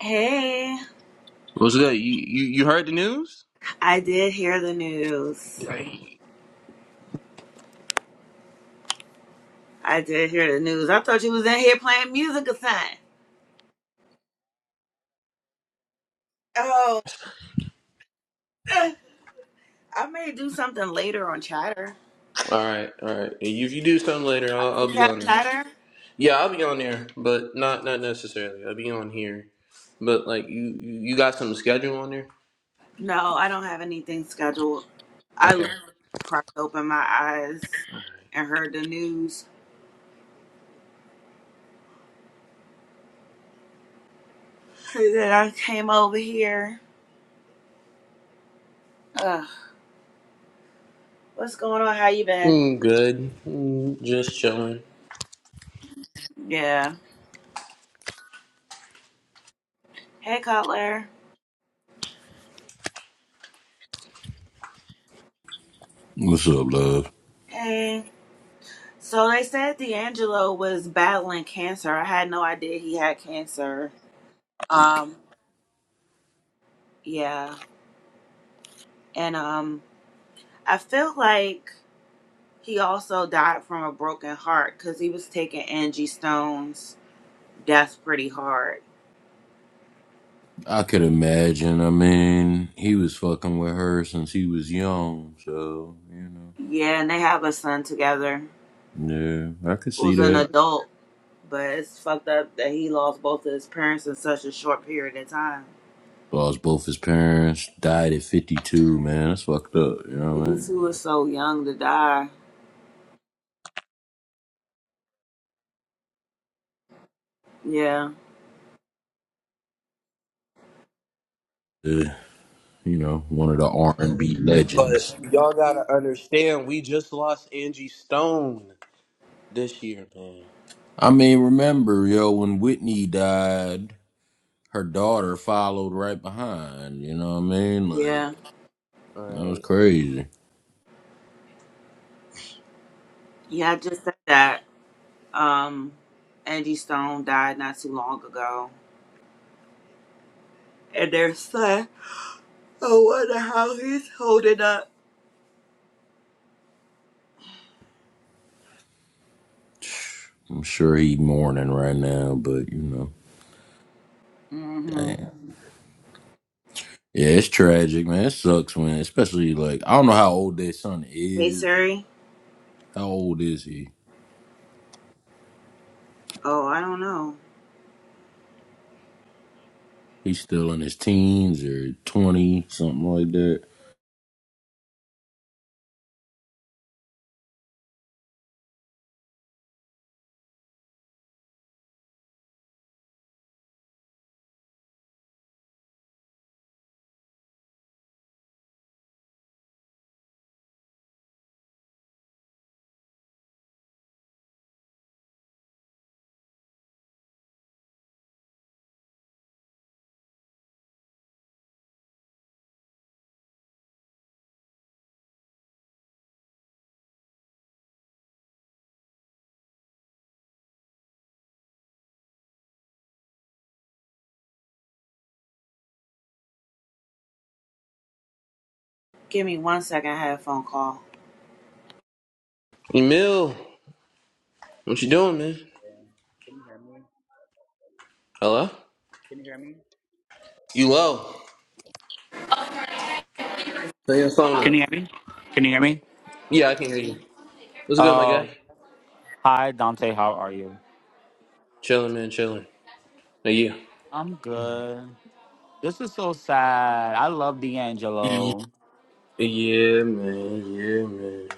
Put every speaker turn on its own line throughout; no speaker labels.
Hey,
What's good? You, you you heard the news?
I did hear the news.
All right,
I did hear the news. I thought you was in here playing music or something. Oh, I may do something later on Chatter.
all right. If you do something later, I'll,
You
I'll be
have
on there.
Chatter?
Yeah, I'll be on there, but not not necessarily. I'll be on here. But like you you you got some schedule on there?
No, I don't have anything scheduled. I
Okay.
literally cracked open my eyes and heard the news. And then I came over here. Ugh, what's going on? How you been?
Mm, good. Mm, just chilling.
Yeah. Hey, Cutler.
What's up, love?
Hey. So they said D'Angelo was battling cancer. I had no idea he had cancer.
Like,
Um, yeah, and um, I feel like he also died from a broken heart because he was taking Angie Stone's death pretty hard.
I could imagine. I mean, he was fucking with her since he was young, so you
Yeah, and they have a son together
know. Yeah, I could see
who's an
that.
adult, but it's fucked up that he lost both of his parents in such a short period of time.
Lost both his parents, died at fifty-two. Man, that's fucked up. You know what I
Fifty-two is
mean?
so young to die. Yeah,
Uh, you know, one of the R and B
But
legends.
y'all gotta understand, we just lost Angie Stone this year, man.
I mean, remember, yo, when Whitney died, her daughter followed right behind. You know what I mean? Like
yeah,
All
that was
right.
crazy.
yeah. I just said that. Um, Angie Stone died not too long ago, and their son I wonder how he's holding up.
I'm sure he mourning right now, but you know,
Mm-hmm.
damn. Yeah, it's tragic, man. It sucks, man. Especially like I don't know how old their son
Hey,
is. But
Siri.
how old is he?
Oh, I don't know.
He's still in his teens or twenty, something like that.
Give me one second. I had a phone call.
Emil, what you doing, man? Hello.
Can you hear me?
You low? Turn your phone
Can
up.
you hear me? Can you hear me?
Yeah, I can hear you. What's good, my
Uh,
guy?
hi Dante, how are you?
Chilling, man. Chilling. Yeah.
I'm good. This is so sad. I love
Yeah,
D'Angelo.
man. Yeah, man.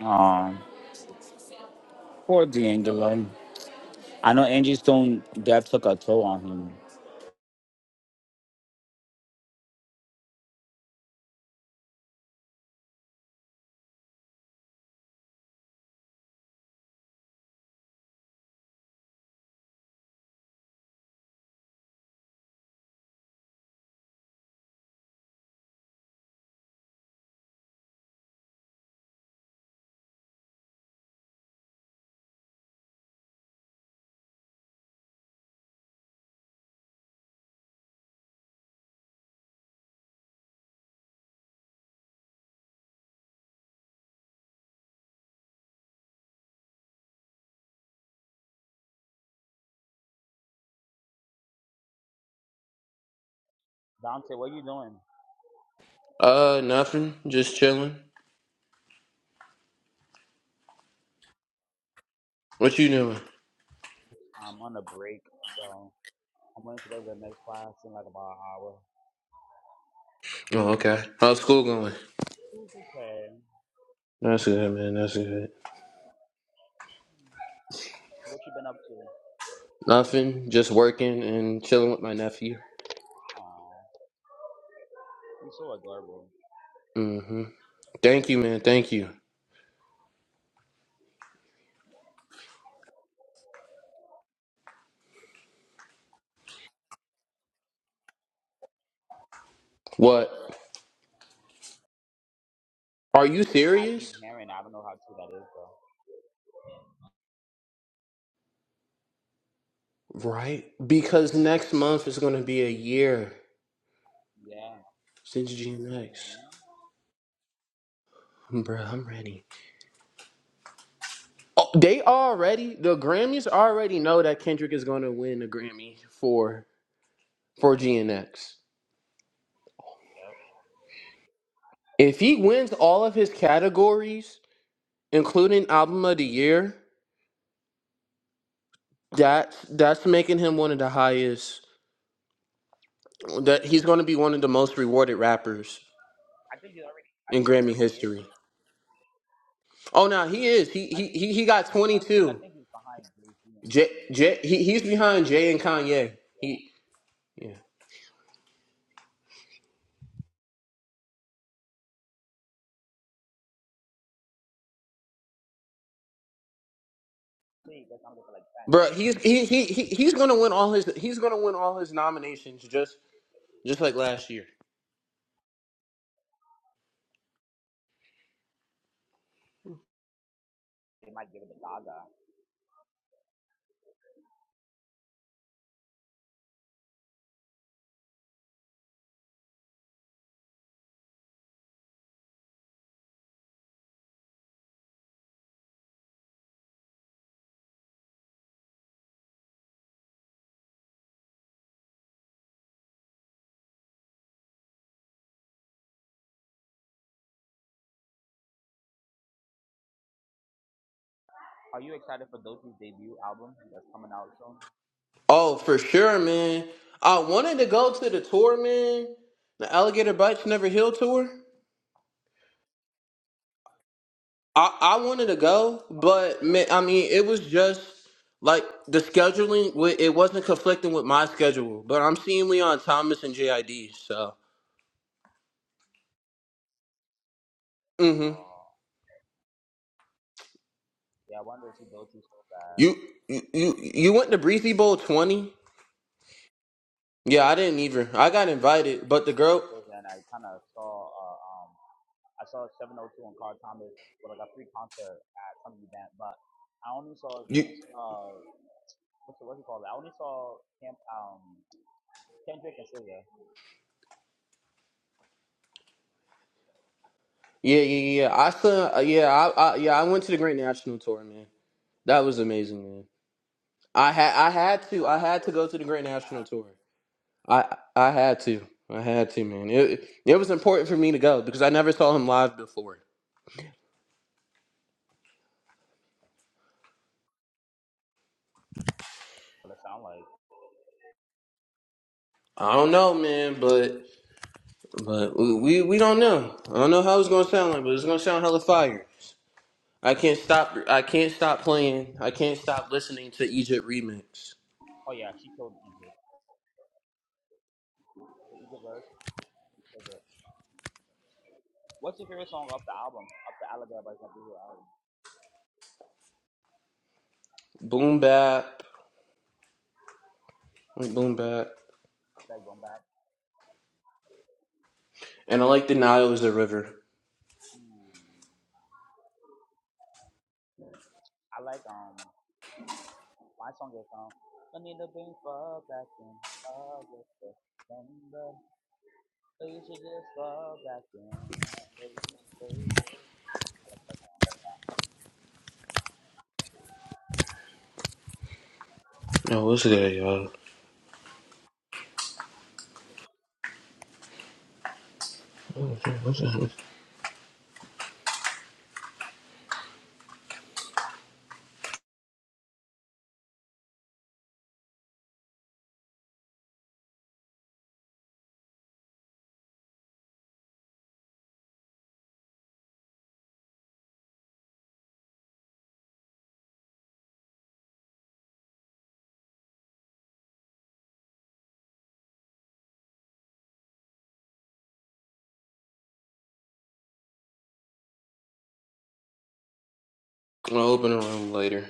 Um, poor D'Angelo. I know Angie's Stone death took a toll on him. Dante, what are you doing?
Uh, nothing. Just chilling. What you doing?
I'm on a break, so I'm going to go to the next class in like about an hour.
Oh, okay. How's school going?
It's okay.
That's good, man. That's good.
What you been up to?
Nothing. Just working and chilling with my nephew.
Aw, you're so adorable.
Mm-hmm. Thank you, man. Thank you. What? Are you
I keep
serious?
hearing. I don't know how true that is, though.
Right? Because next month is gonna be a year
Yeah.
since G N X.
hmm
Bruh, I'm ready. Oh, they already, the Grammys already know that Kendrick is gonna win a Grammy for for GNX. If he wins all of his categories, including album of the year, that that's making him one of the highest. That he's going to be one of the most rewarded rappers
I think you already. I
in
think you
Grammy
already is.
history. Oh no, he is. He
I
he
think
he he got twenty
I think I
two.
think he's behind Jay Z and
J
Kanye.
J he, he's behind Jay and Kanye. He yeah,
Actually, that's-
bro. He's he he, he he's going to win all his. He's going to win all his nominations just just like last year.
They might give it to Gaga. Are you excited for Doechie's debut album that's coming out soon?
Oh, for sure, man. I wanted to go to the tour, man. The Alligator Bites Never Heal tour. I, I wanted to go,
Oh, but I can't
but
go
man,
no
I
more.
mean, it was just like the scheduling. wa- It wasn't conflicting with my schedule. But I'm seeing Leon Thomas and JID. So, mm-hmm.
Uh, yeah, I wonder if Doechie's so bad.
you you you you went to Breezy Bowl 20? Yeah, I
Someone
didn't either. I got invited, but the
big and
girl,
says, and I kind of saw uh, um I saw 702 and Carl Thomas with like a free concert at some event, but I only saw
you,
uh what's it, what's it called? I only saw Camp um Kendrick and SZA.
yeah, yeah, yeah. I saw, uh, yeah, I, I, yeah, I went to the Great National Tour, man. That was amazing, man. I had I had to
I
I
have to
had
go
to go
there
to the
too.
Great
I
National
have to.
Tour. I I had to I had to man. It it was important for me to go because I never saw him live before.
What it sound like?
I don't know, man, but but we we don't know. I don't know how it's gonna sound like, but it's gonna sound hella fire. I can't stop I can't stop playing. I can't stop listening to Egypt remix.
Oh yeah, she killed Egypt. It's a verse. It's a verse. What's your favorite song off the album? Off the Allegro by Zabiru album?
Boom bap, like boom bap,
That one back.
and I like the Nile is a river.
Hmm. I like um my song is um I need to bring fall back in August September. So you should just fall back in. Wait, wait. I like that
Oh, what's good, y'all? I'll open a room later.